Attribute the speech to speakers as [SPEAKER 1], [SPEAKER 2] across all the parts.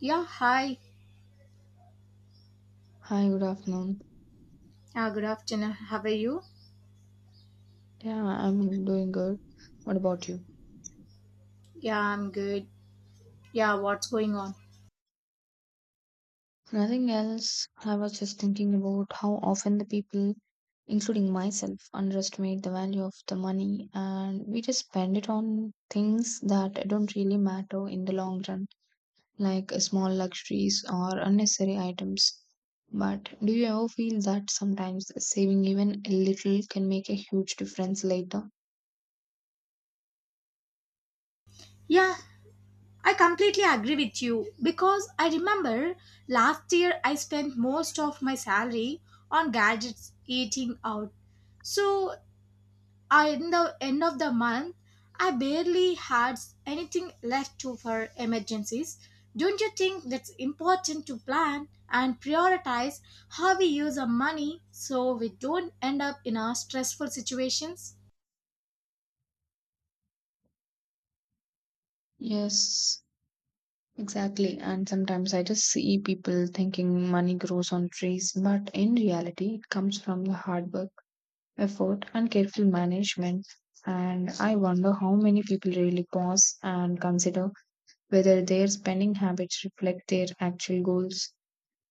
[SPEAKER 1] Yeah, hi.
[SPEAKER 2] Hi, good afternoon.
[SPEAKER 1] Yeah, good afternoon. How are you?
[SPEAKER 2] Yeah, I'm doing good. What about you?
[SPEAKER 1] Yeah, I'm good. Yeah, what's going on?
[SPEAKER 2] Nothing else. I was just thinking about how often the people, including myself, underestimate the value of the money, and we just spend it on things that don't really matter in the long run, like small luxuries or unnecessary items. But do you ever feel that sometimes saving even a little can make a huge difference later?
[SPEAKER 1] Yeah, I completely agree with you because I remember last year I spent most of my salary on gadgets eating out. So I, in the end of the month, I barely had anything left to for emergencies. Don't you think that's important to plan and prioritize how we use our money so we don't end up in our stressful situations?
[SPEAKER 2] Yes, exactly. And sometimes I just see people thinking money grows on trees, but in reality, it comes from the hard work, effort, and careful management. And I wonder how many people really pause and consider whether their spending habits reflect their actual goals.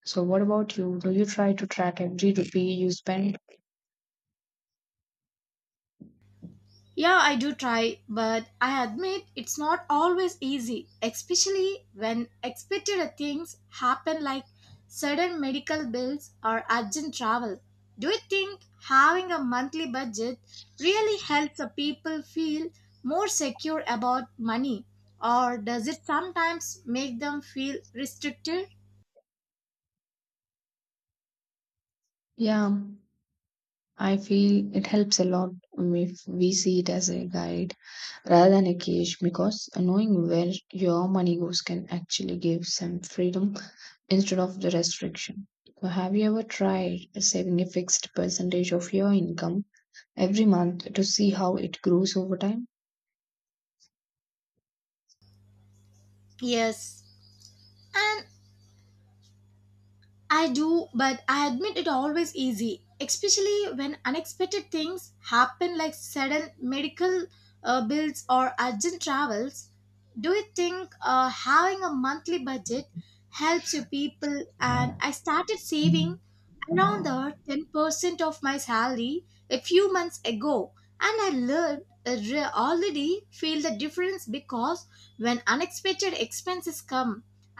[SPEAKER 2] So, what about you? Do you try to track every rupee you spend?
[SPEAKER 1] Yeah, I do try, but I admit it's not always easy, especially when expected things happen like sudden medical bills or urgent travel. Do you think having a monthly budget really helps the people feel more secure about money, or does it sometimes make them feel restricted?
[SPEAKER 2] Yeah. I feel it helps a lot if we see it as a guide rather than a cage, because knowing where your money goes can actually give some freedom instead of the restriction. So have you ever tried saving a fixed percentage of your income every month to see how it grows over time?
[SPEAKER 1] Yes. And I do, but I admit it always easy, especially when unexpected things happen like sudden medical bills or urgent travels. Do you think having a monthly budget helps you people? And I started saving around the 10% of my salary a few months ago and I learned already feel the difference because when unexpected expenses come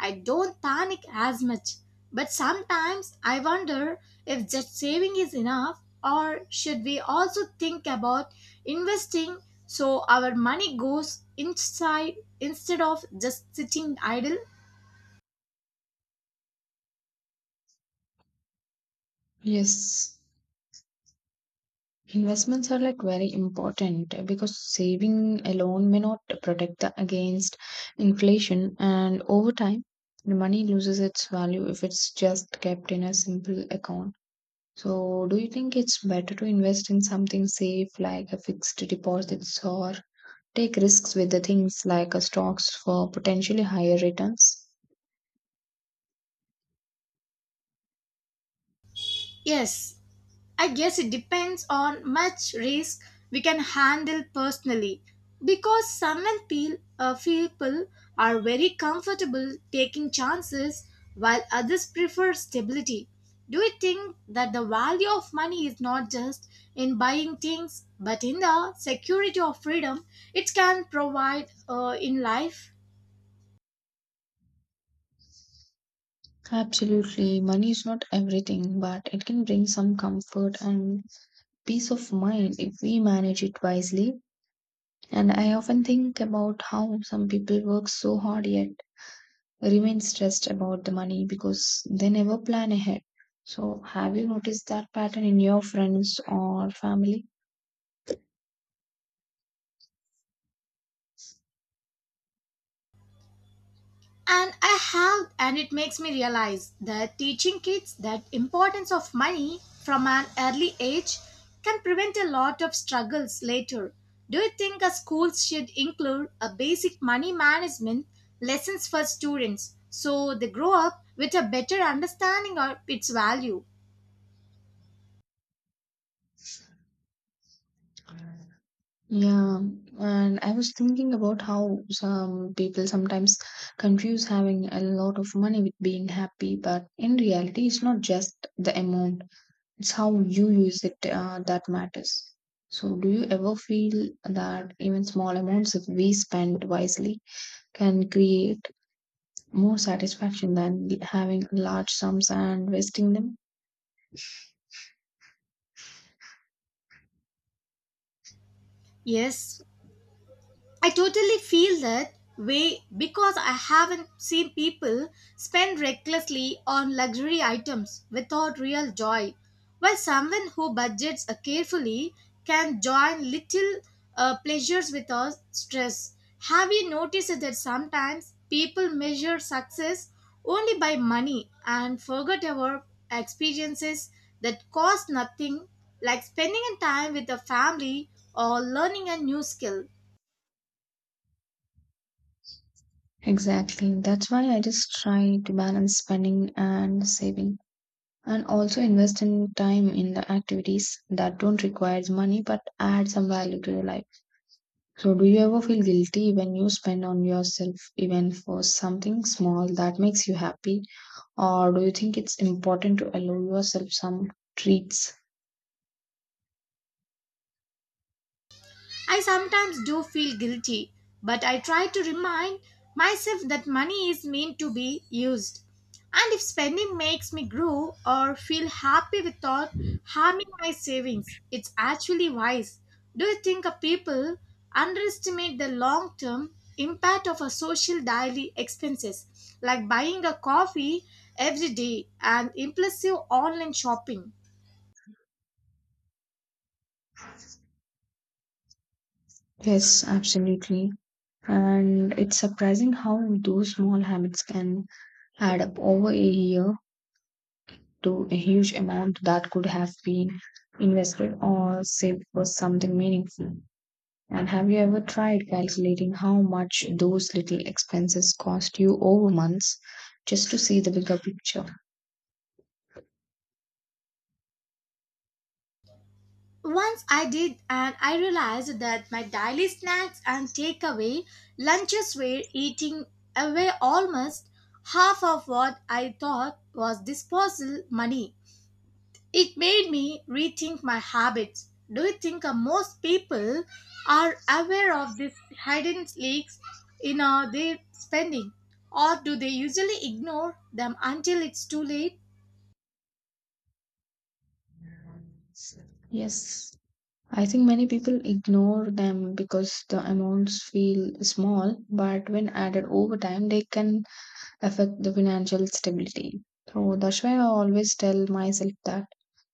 [SPEAKER 1] I don't panic as much, but sometimes I wonder if just saving is enough or should we also think about investing so our money goes inside instead of just sitting idle.
[SPEAKER 2] Yes. Investments are like very important, because saving alone may not protect the, against inflation, and over time, the money loses its value if it's just kept in a simple account. So, do you think it's better to invest in something safe like a fixed deposits, or take risks with the things like stocks for potentially higher returns?
[SPEAKER 1] Yes, I guess it depends on much risk we can handle personally because some people are very comfortable taking chances while others prefer stability. Do you think that the value of money is not just in buying things but in the security of freedom it can provide in life?
[SPEAKER 2] Absolutely, money is not everything, but it can bring some comfort and peace of mind if we manage it wisely. And I often think about how some people work so hard yet remain stressed about the money because they never plan ahead. So, have you noticed that pattern in your friends or family?
[SPEAKER 1] And I have, and it makes me realize that teaching kids that importance of money from an early age can prevent a lot of struggles later. Do you think a schools should include a basic money management lessons for students so they grow up with a better understanding of its value?
[SPEAKER 2] Yeah, and I was thinking about how some people sometimes confuse having a lot of money with being happy, but in reality, it's not just the amount, it's how you use it that matters. So, do you ever feel that even small amounts, if we spend wisely, can create more satisfaction than having large sums and wasting them.
[SPEAKER 1] Yes, I totally feel that way because I haven't seen people spend recklessly on luxury items without real joy, while someone who budgets carefully can join little pleasures without stress. Have you noticed that sometimes people measure success only by money and forget about experiences that cost nothing, like spending time with a family or learning a new skill?
[SPEAKER 2] Exactly. That's why I just try to balance spending and saving, and also invest in time in the activities that don't require money but add some value to your life. So do you ever feel guilty when you spend on yourself even for something small that makes you happy, or do you think it's important to allow yourself some treats?
[SPEAKER 1] I sometimes do feel guilty, but I try to remind myself that money is meant to be used. And if spending makes me grow or feel happy without harming my savings, it's actually wise. Do you think a people underestimate the long term impact of a social daily expenses like buying a coffee every day and impulsive online shopping?
[SPEAKER 2] Yes, absolutely. And it's surprising how those small habits can add up over a year to a huge amount that could have been invested or saved for something meaningful. And have you ever tried calculating how much those little expenses cost you over months just to see the bigger picture?
[SPEAKER 1] Once I did, and I realized that my daily snacks and takeaway lunches were eating away almost half of what I thought was disposable money. It made me rethink my habits. Do you think most people are aware of these hidden leaks in their spending, or do they usually ignore them until it's too late?
[SPEAKER 2] Yes, I think many people ignore them because the amounts feel small, but when added over time, they can affect the financial stability. So that's why I always tell myself that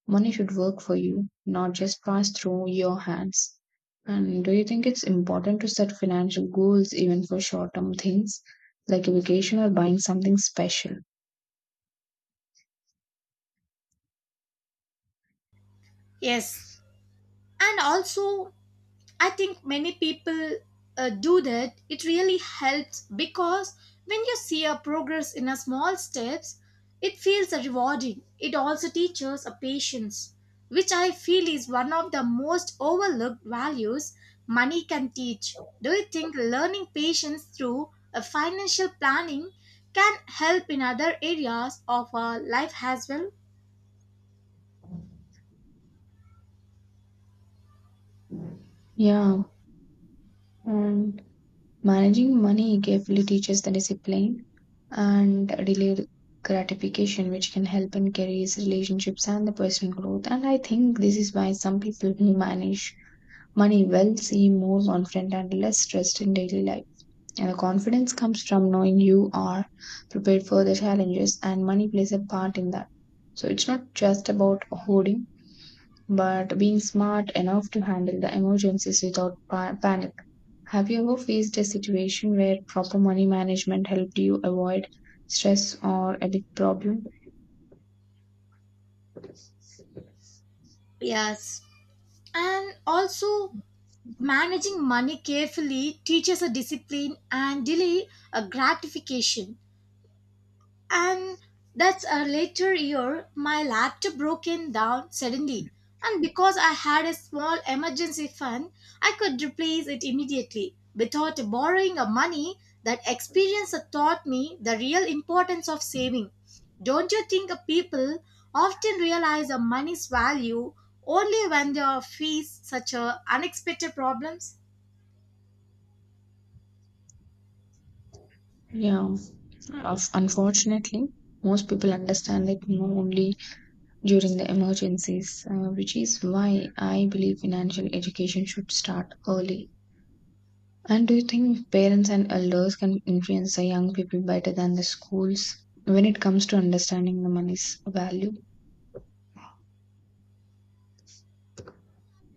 [SPEAKER 2] money should work for you, not just pass through your hands. And do you think it's important to set financial goals even for short term things like a vacation or buying something special?
[SPEAKER 1] Yes. And also, I think many people do that. It really helps because when you see a progress in a small steps, it feels rewarding. It also teaches a patience, which I feel is one of the most overlooked values money can teach. Do you think learning patience through a financial planning can help in other areas of our life as well?
[SPEAKER 2] Yeah, and managing money carefully teaches the discipline and delayed gratification, which can help in careers, relationships, and the personal growth. And I think this is why some people who manage money will seem more confident and less stressed in daily life. And the confidence comes from knowing you are prepared for the challenges, and money plays a part in that. So it's not just about hoarding, but being smart enough to handle the emergencies without panic. Have you ever faced a situation where proper money management helped you avoid stress or a big problem?
[SPEAKER 1] Yes. And also, managing money carefully teaches a discipline and delay a gratification. And that's a later year, my laptop broken down suddenly. And because I had a small emergency fund, I could replace it immediately without borrowing a money. That experience taught me the real importance of saving. Don't you think people often realize a money's value only when they face such a unexpected problems?
[SPEAKER 2] Yeah, unfortunately, most people understand it only during the emergencies, which is why I believe financial education should start early. And do you think parents and elders can influence the young people better than the schools when it comes to understanding the money's value?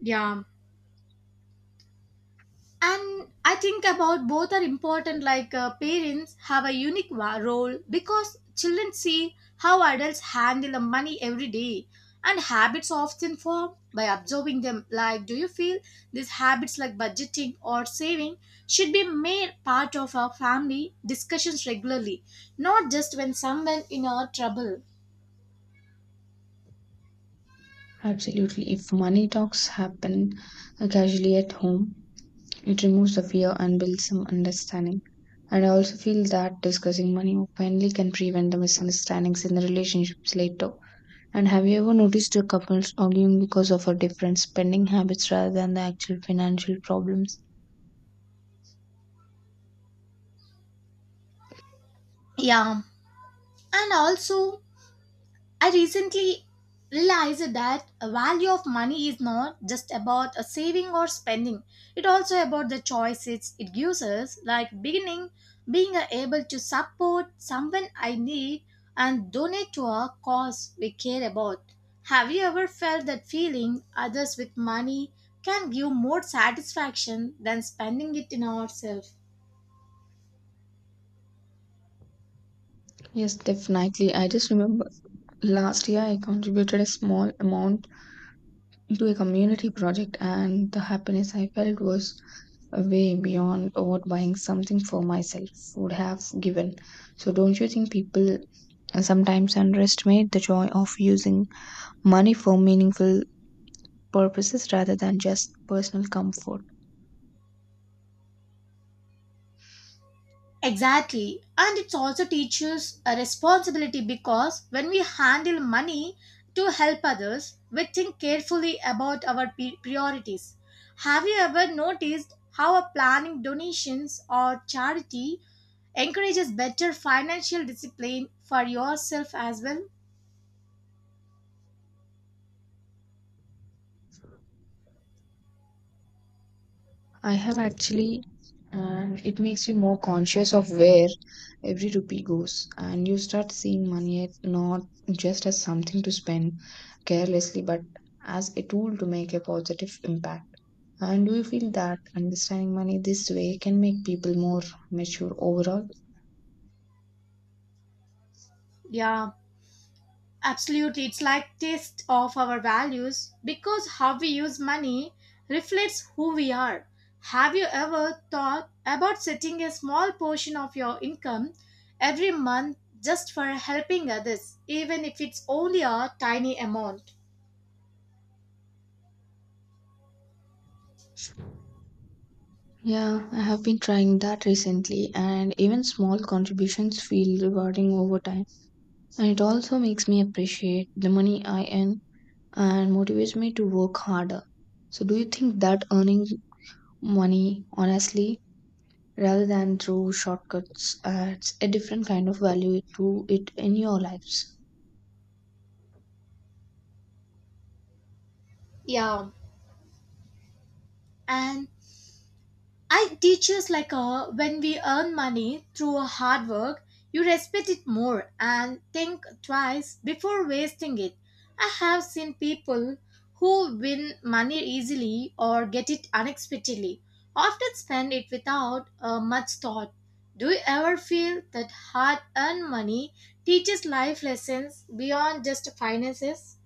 [SPEAKER 1] Yeah. And I think about both are important, like parents have a role because children see how adults handle the money every day, and habits often form by observing them. Like, do you feel these habits, like budgeting or saving, should be made part of our family discussions regularly, not just when someone in our trouble?
[SPEAKER 2] Absolutely. If money talks happen casually at home, it removes the fear and builds some understanding. And I also feel that discussing money openly can prevent the misunderstandings in the relationships later. And have you ever noticed your couples arguing because of our different spending habits rather than the actual financial problems?
[SPEAKER 1] Yeah. And also, I recently realized that a value of money is not just about a saving or spending. It also about the choices it gives us, like beginning being able to support someone I need and donate to a cause we care about. Have you ever felt that feeling others with money can give more satisfaction than spending it in ourselves?
[SPEAKER 2] Yes, definitely. I just remember last year I contributed a small amount to a community project, and the happiness I felt was way beyond what buying something for myself would have given. So, don't you think people sometimes underestimate the joy of using money for meaningful purposes rather than just personal comfort?
[SPEAKER 1] Exactly. And it also teaches a responsibility because when we handle money to help others, we think carefully about our priorities. Have you ever noticed how a planning donations or charity encourages better financial discipline for yourself as well?
[SPEAKER 2] I have actually, and it makes you more conscious of where every rupee goes, and you start seeing money as not just as something to spend carelessly, but as a tool to make a positive impact. And do you feel that understanding money this way can make people more mature overall?
[SPEAKER 1] Yeah, absolutely, it's like taste of our values because how we use money reflects who we are. Have you ever thought about setting a small portion of your income every month just for helping others, even if it's only a tiny amount?
[SPEAKER 2] Yeah, I have been trying that recently, and even small contributions feel rewarding over time. And it also makes me appreciate the money I earn and motivates me to work harder. So, do you think that earning money honestly rather than through shortcuts adds a different kind of value to it in your lives?
[SPEAKER 1] Yeah, and I teachers like her when we earn money through hard work, you respect it more and think twice before wasting it. I have seen people who win money easily or get it unexpectedly, often spend it without much thought. Do you ever feel that hard earned money teaches life lessons beyond just finances?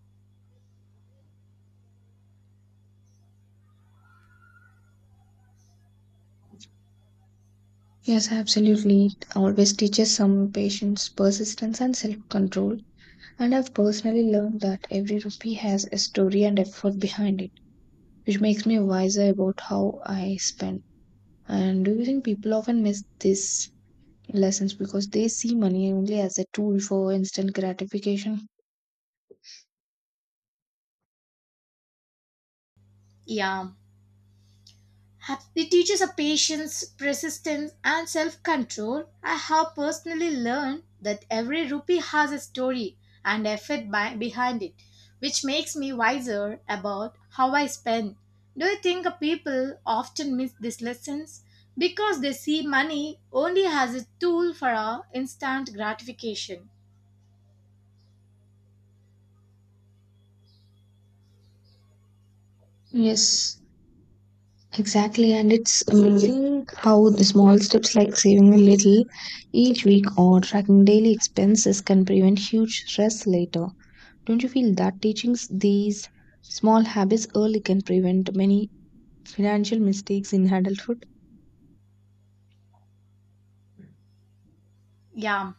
[SPEAKER 2] Yes, absolutely. It always teaches some patience, persistence, and self control. And I've personally learned that every rupee has a story and effort behind it, which makes me wiser about how I spend. And do you think people often miss this lessons because they see money only as a tool for instant gratification.
[SPEAKER 1] Yeah. It teaches a patience, persistence, and self control. I have personally learned that every rupee has a story and effort behind it, which makes me wiser about how I spend. Do you think people often miss these lessons because they see money only as a tool for our instant gratification?
[SPEAKER 2] Yes, exactly. And it's amazing how the small steps like saving a little each week or tracking daily expenses can prevent huge stress later. Don't you feel that teaching these small habits early can prevent many financial mistakes in adulthood?
[SPEAKER 1] Yeah,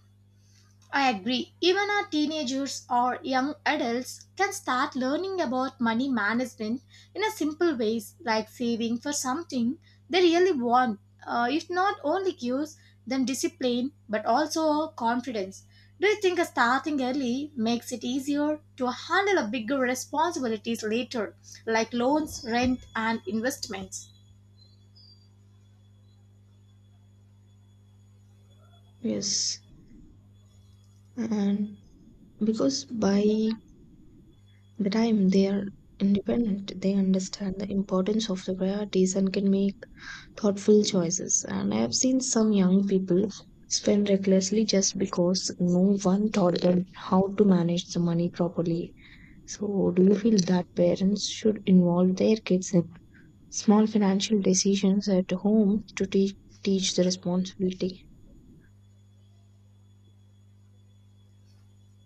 [SPEAKER 1] I agree. Even our teenagers or young adults can start learning about money management in a simple ways, like saving for something they really want. It not only gives them discipline but also confidence. Do you think starting early makes it easier to handle a bigger responsibilities later, like loans, rent, and investments?
[SPEAKER 2] Yes, and because by the time they are independent, they understand the importance of the priorities and can make thoughtful choices. And I have seen some young people spend recklessly just because no one taught them how to manage the money properly. So do you feel that parents should involve their kids in small financial decisions at home to teach the responsibility?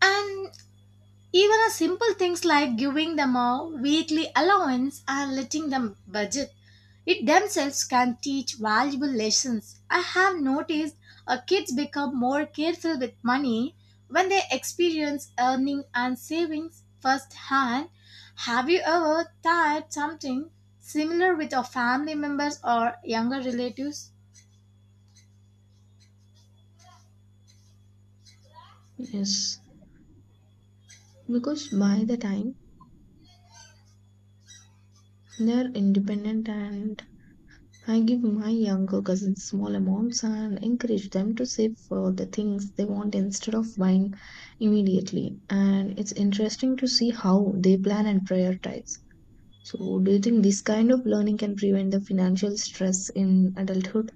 [SPEAKER 1] And even a simple things like giving them a weekly allowance and letting them budget it themselves can teach valuable lessons. I have noticed kids become more careful with money when they experience earning and savings firsthand. Have you ever tried something similar with your family members or younger relatives?
[SPEAKER 2] Yes, because by the time they are independent, and I give my younger cousins small amounts and encourage them to save for the things they want instead of buying immediately. And it's interesting to see how they plan and prioritize. So, do you think this kind of learning can prevent the financial stress in adulthood?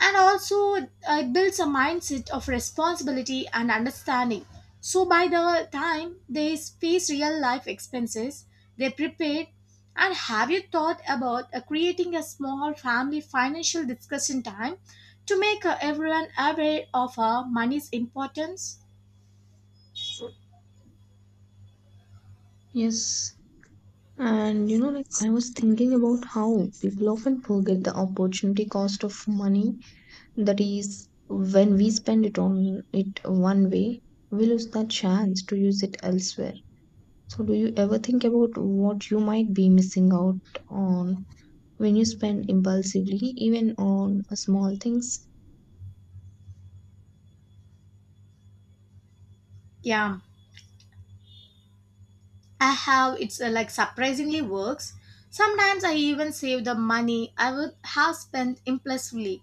[SPEAKER 1] And also it builds a mindset of responsibility and understanding so by the time they face real life expenses they're prepared. And have you thought about creating a small family financial discussion time to make everyone aware of money's importance?
[SPEAKER 2] Yes. And you know, like I was thinking about how people often forget the opportunity cost of money. That is, when we spend it on it one way, we lose the chance to use it elsewhere. So, do you ever think about what you might be missing out on when you spend impulsively, even on small things?
[SPEAKER 1] Yeah, I have. It's like surprisingly works. Sometimes I even save the money I would have spent impulsively.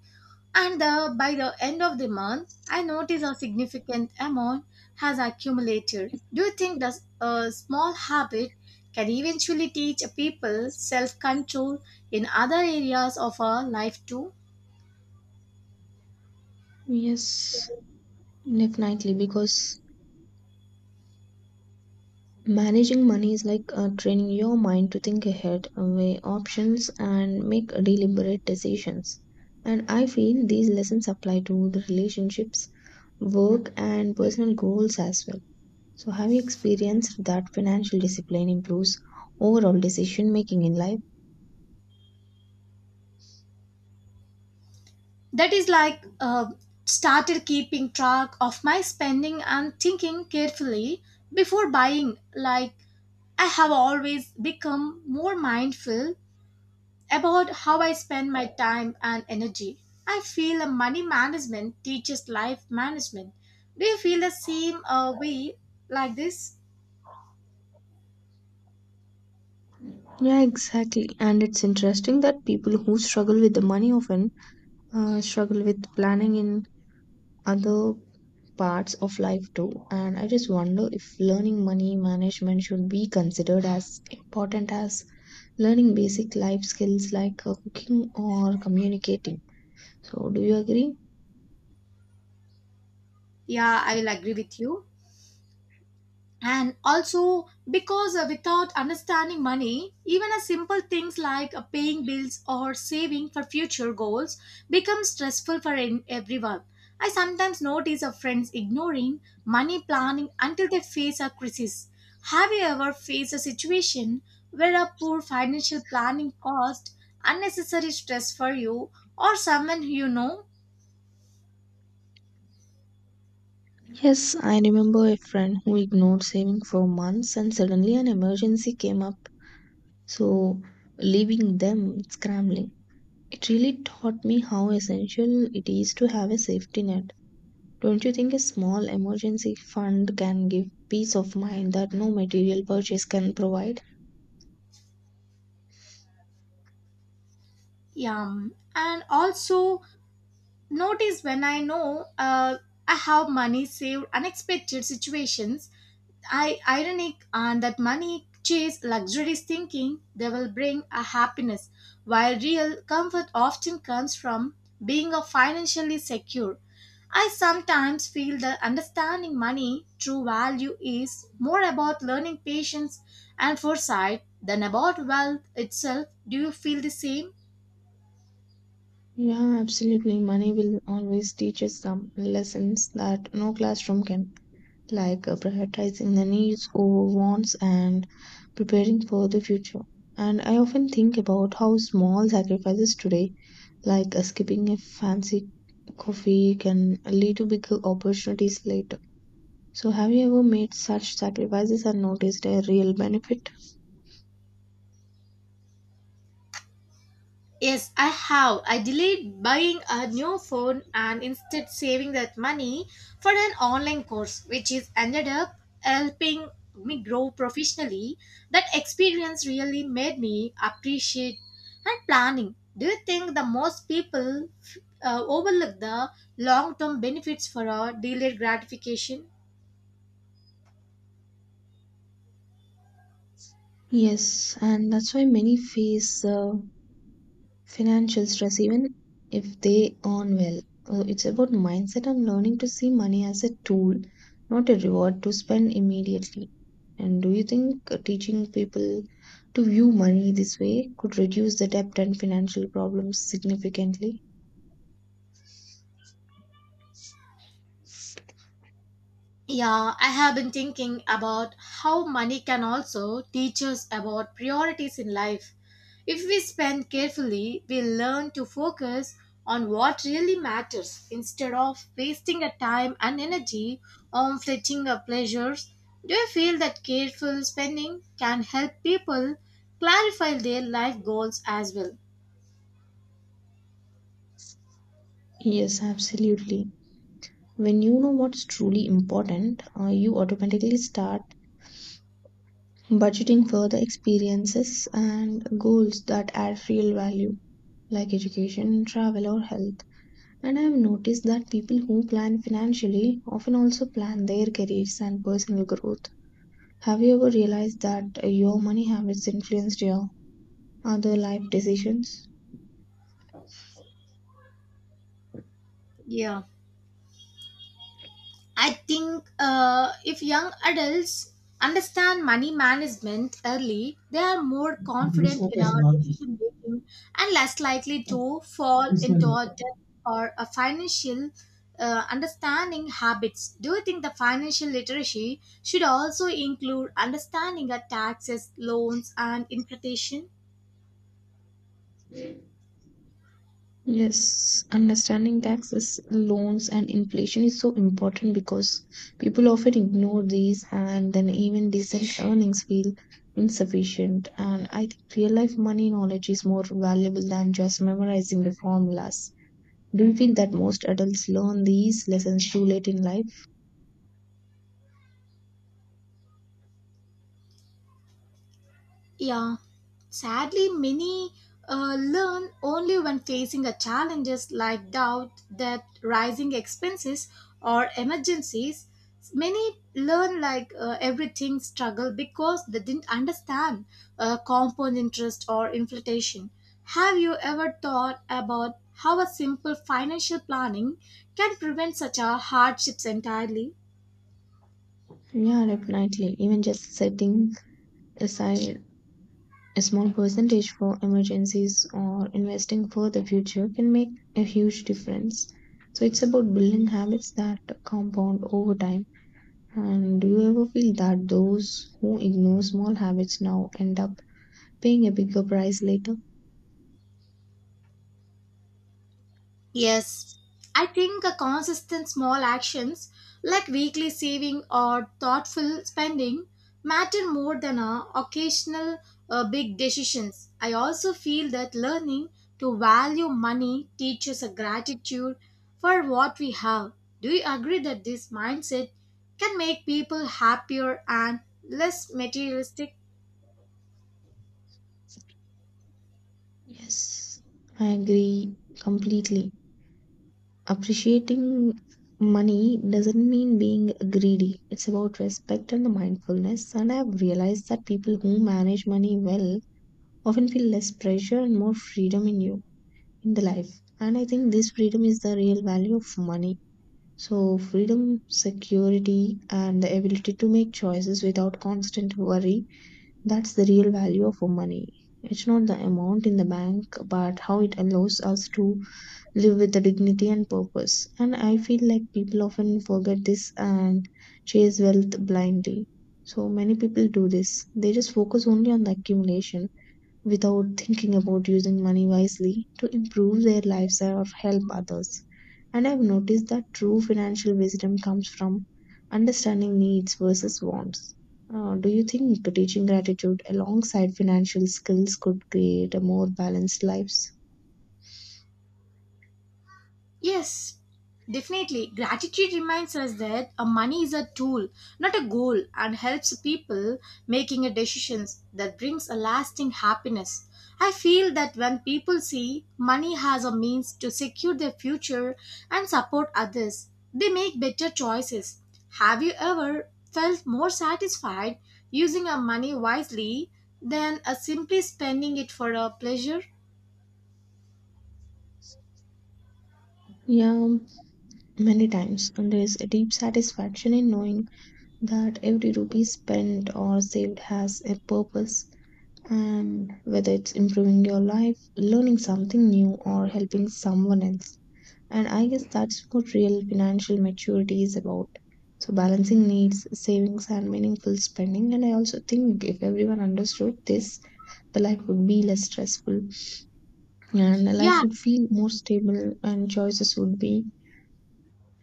[SPEAKER 1] And by the end of the month, I notice a significant amount has accumulated. Do you think that a small habit can eventually teach people self control in other areas of our life too?
[SPEAKER 2] Yes, definitely, because managing money is like training your mind to think ahead, weigh options, and make deliberate decisions. And I feel these lessons apply to the relationships, work, and personal goals as well. So, have you experienced that financial discipline improves overall decision making in life?
[SPEAKER 1] That is like started keeping track of my spending and thinking carefully before buying. Like I have always become more mindful about how I spend my time and energy. I feel a money management teaches life management. Do you feel the same way like this?
[SPEAKER 2] Yeah, exactly. And it's interesting that people who struggle with the money often struggle with planning in other parts of life too. And I just wonder if learning money management should be considered as important as learning basic life skills like cooking or communicating. So, do you agree?
[SPEAKER 1] Yeah, I will agree with you. And also because without understanding money even a simple things like paying bills or saving for future goals become stressful for everyone. I sometimes notice of friends ignoring money planning until they face a crisis. Have you ever faced a situation where a poor financial planning caused unnecessary stress for you or someone you know?
[SPEAKER 2] Yes, I remember a friend who ignored saving for months and suddenly an emergency came up. So, leaving them scrambling. It really taught me how essential it is to have a safety net. Don't you think a small emergency fund can give peace of mind that no material purchase can provide?
[SPEAKER 1] Yeah, and also notice when I know I have money saved unexpected situations, I ironic on that money chase luxuries thinking they will bring a happiness, while real comfort often comes from being a financially secure. I sometimes feel that understanding money true value is more about learning patience and foresight than about wealth itself. Do you feel the same?
[SPEAKER 2] Yeah, absolutely. Money will always teach us some lessons that no classroom can, like prioritizing the needs over wants and preparing for the future. And I often think about how small sacrifices today, like skipping a fancy coffee, can lead to bigger opportunities later. So, have you ever made such sacrifices and noticed a real benefit?
[SPEAKER 1] Yes, I have. I delayed buying a new phone and instead saving that money for an online course, which is ended up helping me grow professionally. That experience really made me appreciate and planning. Do you think the most people overlook the long-term benefits for a delayed gratification?
[SPEAKER 2] Yes, and that's why many face financial stress even if they earn well. It's about mindset and learning to see money as a tool, not a reward to spend immediately. And do you think teaching people to view money this way could reduce the debt and financial problems significantly?
[SPEAKER 1] Yeah, I have been thinking about how money can also teach us about priorities in life. If we spend carefully, we learn to focus on what really matters instead of wasting our time and energy on fleeting our pleasures. Do you feel that careful spending can help people clarify their life goals as well?
[SPEAKER 2] Yes, absolutely. When you know what's truly important, you automatically start budgeting for the experiences and goals that add real value, like education, travel, or health. And I have noticed that people who plan financially often also plan their careers and personal growth. Have you ever realized that your money habits influenced your other life decisions?
[SPEAKER 1] Yeah. I think if young adults understand money management early, they are more
[SPEAKER 2] This
[SPEAKER 1] confident in our decision making and less likely to fall
[SPEAKER 2] is not.
[SPEAKER 1] into a debt or a financial understanding habits. Do you think the financial literacy should also include understanding of taxes, loans, and interpretation?
[SPEAKER 2] Yes, understanding taxes, loans, and inflation is so important, because people often ignore these and then even decent earnings feel insufficient. And I think real life money knowledge is more valuable than just memorizing the formulas. Do you feel that most adults learn these lessons too late in life?
[SPEAKER 1] Yeah. Sadly, many learn only when facing a challenges like doubt, debt, rising expenses, or emergencies. Many learn like everything struggle because they didn't understand compound interest or inflation. Have you ever thought about how a simple financial planning can prevent such a hardships entirely?
[SPEAKER 2] Yeah, definitely. Even just setting aside a small percentage for emergencies or investing for the future can make a huge difference. So it's about building habits that compound over time. And do you ever feel that those who ignore small habits now end up paying a bigger price later?
[SPEAKER 1] Yes, I think a consistent small actions like weekly saving or thoughtful spending matter more than occasional big decisions. I also feel that learning to value money teaches a gratitude for what we have. Do you agree that this mindset can make people happier and less materialistic?
[SPEAKER 2] Yes, I agree completely. Appreciating money doesn't mean being greedy. It's about respect and mindfulness. And I've realized that people who manage money well often feel less pressure and more freedom in you in the life. And I think this freedom is the real value of money. So, freedom, security, and the ability to make choices without constant worry, that's the real value of money. It's not the amount in the bank, but how it allows us to live with a dignity and purpose. And I feel like people often forget this and chase wealth blindly. So many people do this, they just focus only on the accumulation without thinking about using money wisely to improve their lives or help others. And I've noticed that true financial wisdom comes from understanding needs versus wants. Do you think teaching gratitude alongside financial skills could create a more balanced lives?
[SPEAKER 1] Yes, definitely. Gratitude reminds us that a money is a tool, not a goal, and helps people making a decisions that brings a lasting happiness. I feel that when people see money has a means to secure their future and support others, they make better choices. Have you ever felt more satisfied using our money wisely than simply spending it for a pleasure?
[SPEAKER 2] Yeah, many times. And there's a deep satisfaction in knowing that every rupee spent or saved has a purpose, and whether it's improving your life, learning something new, or helping someone else. And I guess that's what real financial maturity is about. So, balancing needs, savings, and meaningful spending. And I also think if everyone understood this, the life would be less stressful, and the
[SPEAKER 1] Yeah,
[SPEAKER 2] life would feel more stable, and choices would be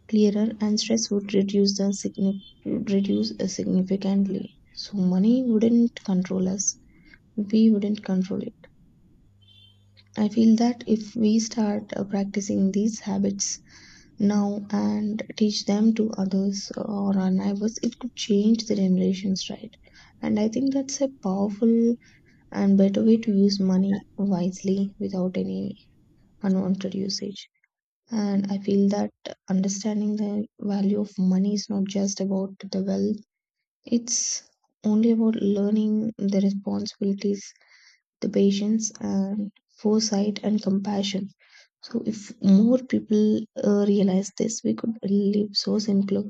[SPEAKER 2] clearer, and stress would reduce, reduce significantly. So, money wouldn't control us, we wouldn't control it. I feel that if we start practicing these habits now and teach them to others or our neighbors, it could change the generations, right? And I think that's a powerful and better way to use money wisely without any unwanted usage. And I feel that understanding the value of money is not just about the wealth, it's only about learning the responsibilities, the patience, and foresight and compassion. So if more people realize this, we could live so simpler,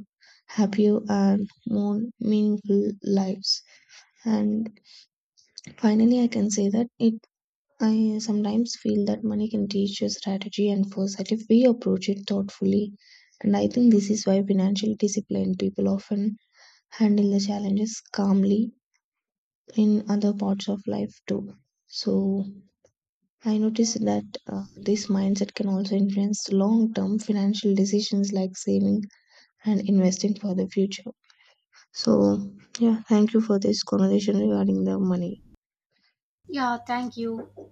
[SPEAKER 2] happier, and more meaningful lives. And finally, I can say that it. I sometimes feel that money can teach you strategy and foresight if we approach it thoughtfully. And I think this is why financially disciplined people often handle the challenges calmly in other parts of life too. So I noticed that this mindset can also influence long term financial decisions like saving and investing for the future. So, yeah, thank you for this conversation regarding the money.
[SPEAKER 1] yeah, thank you.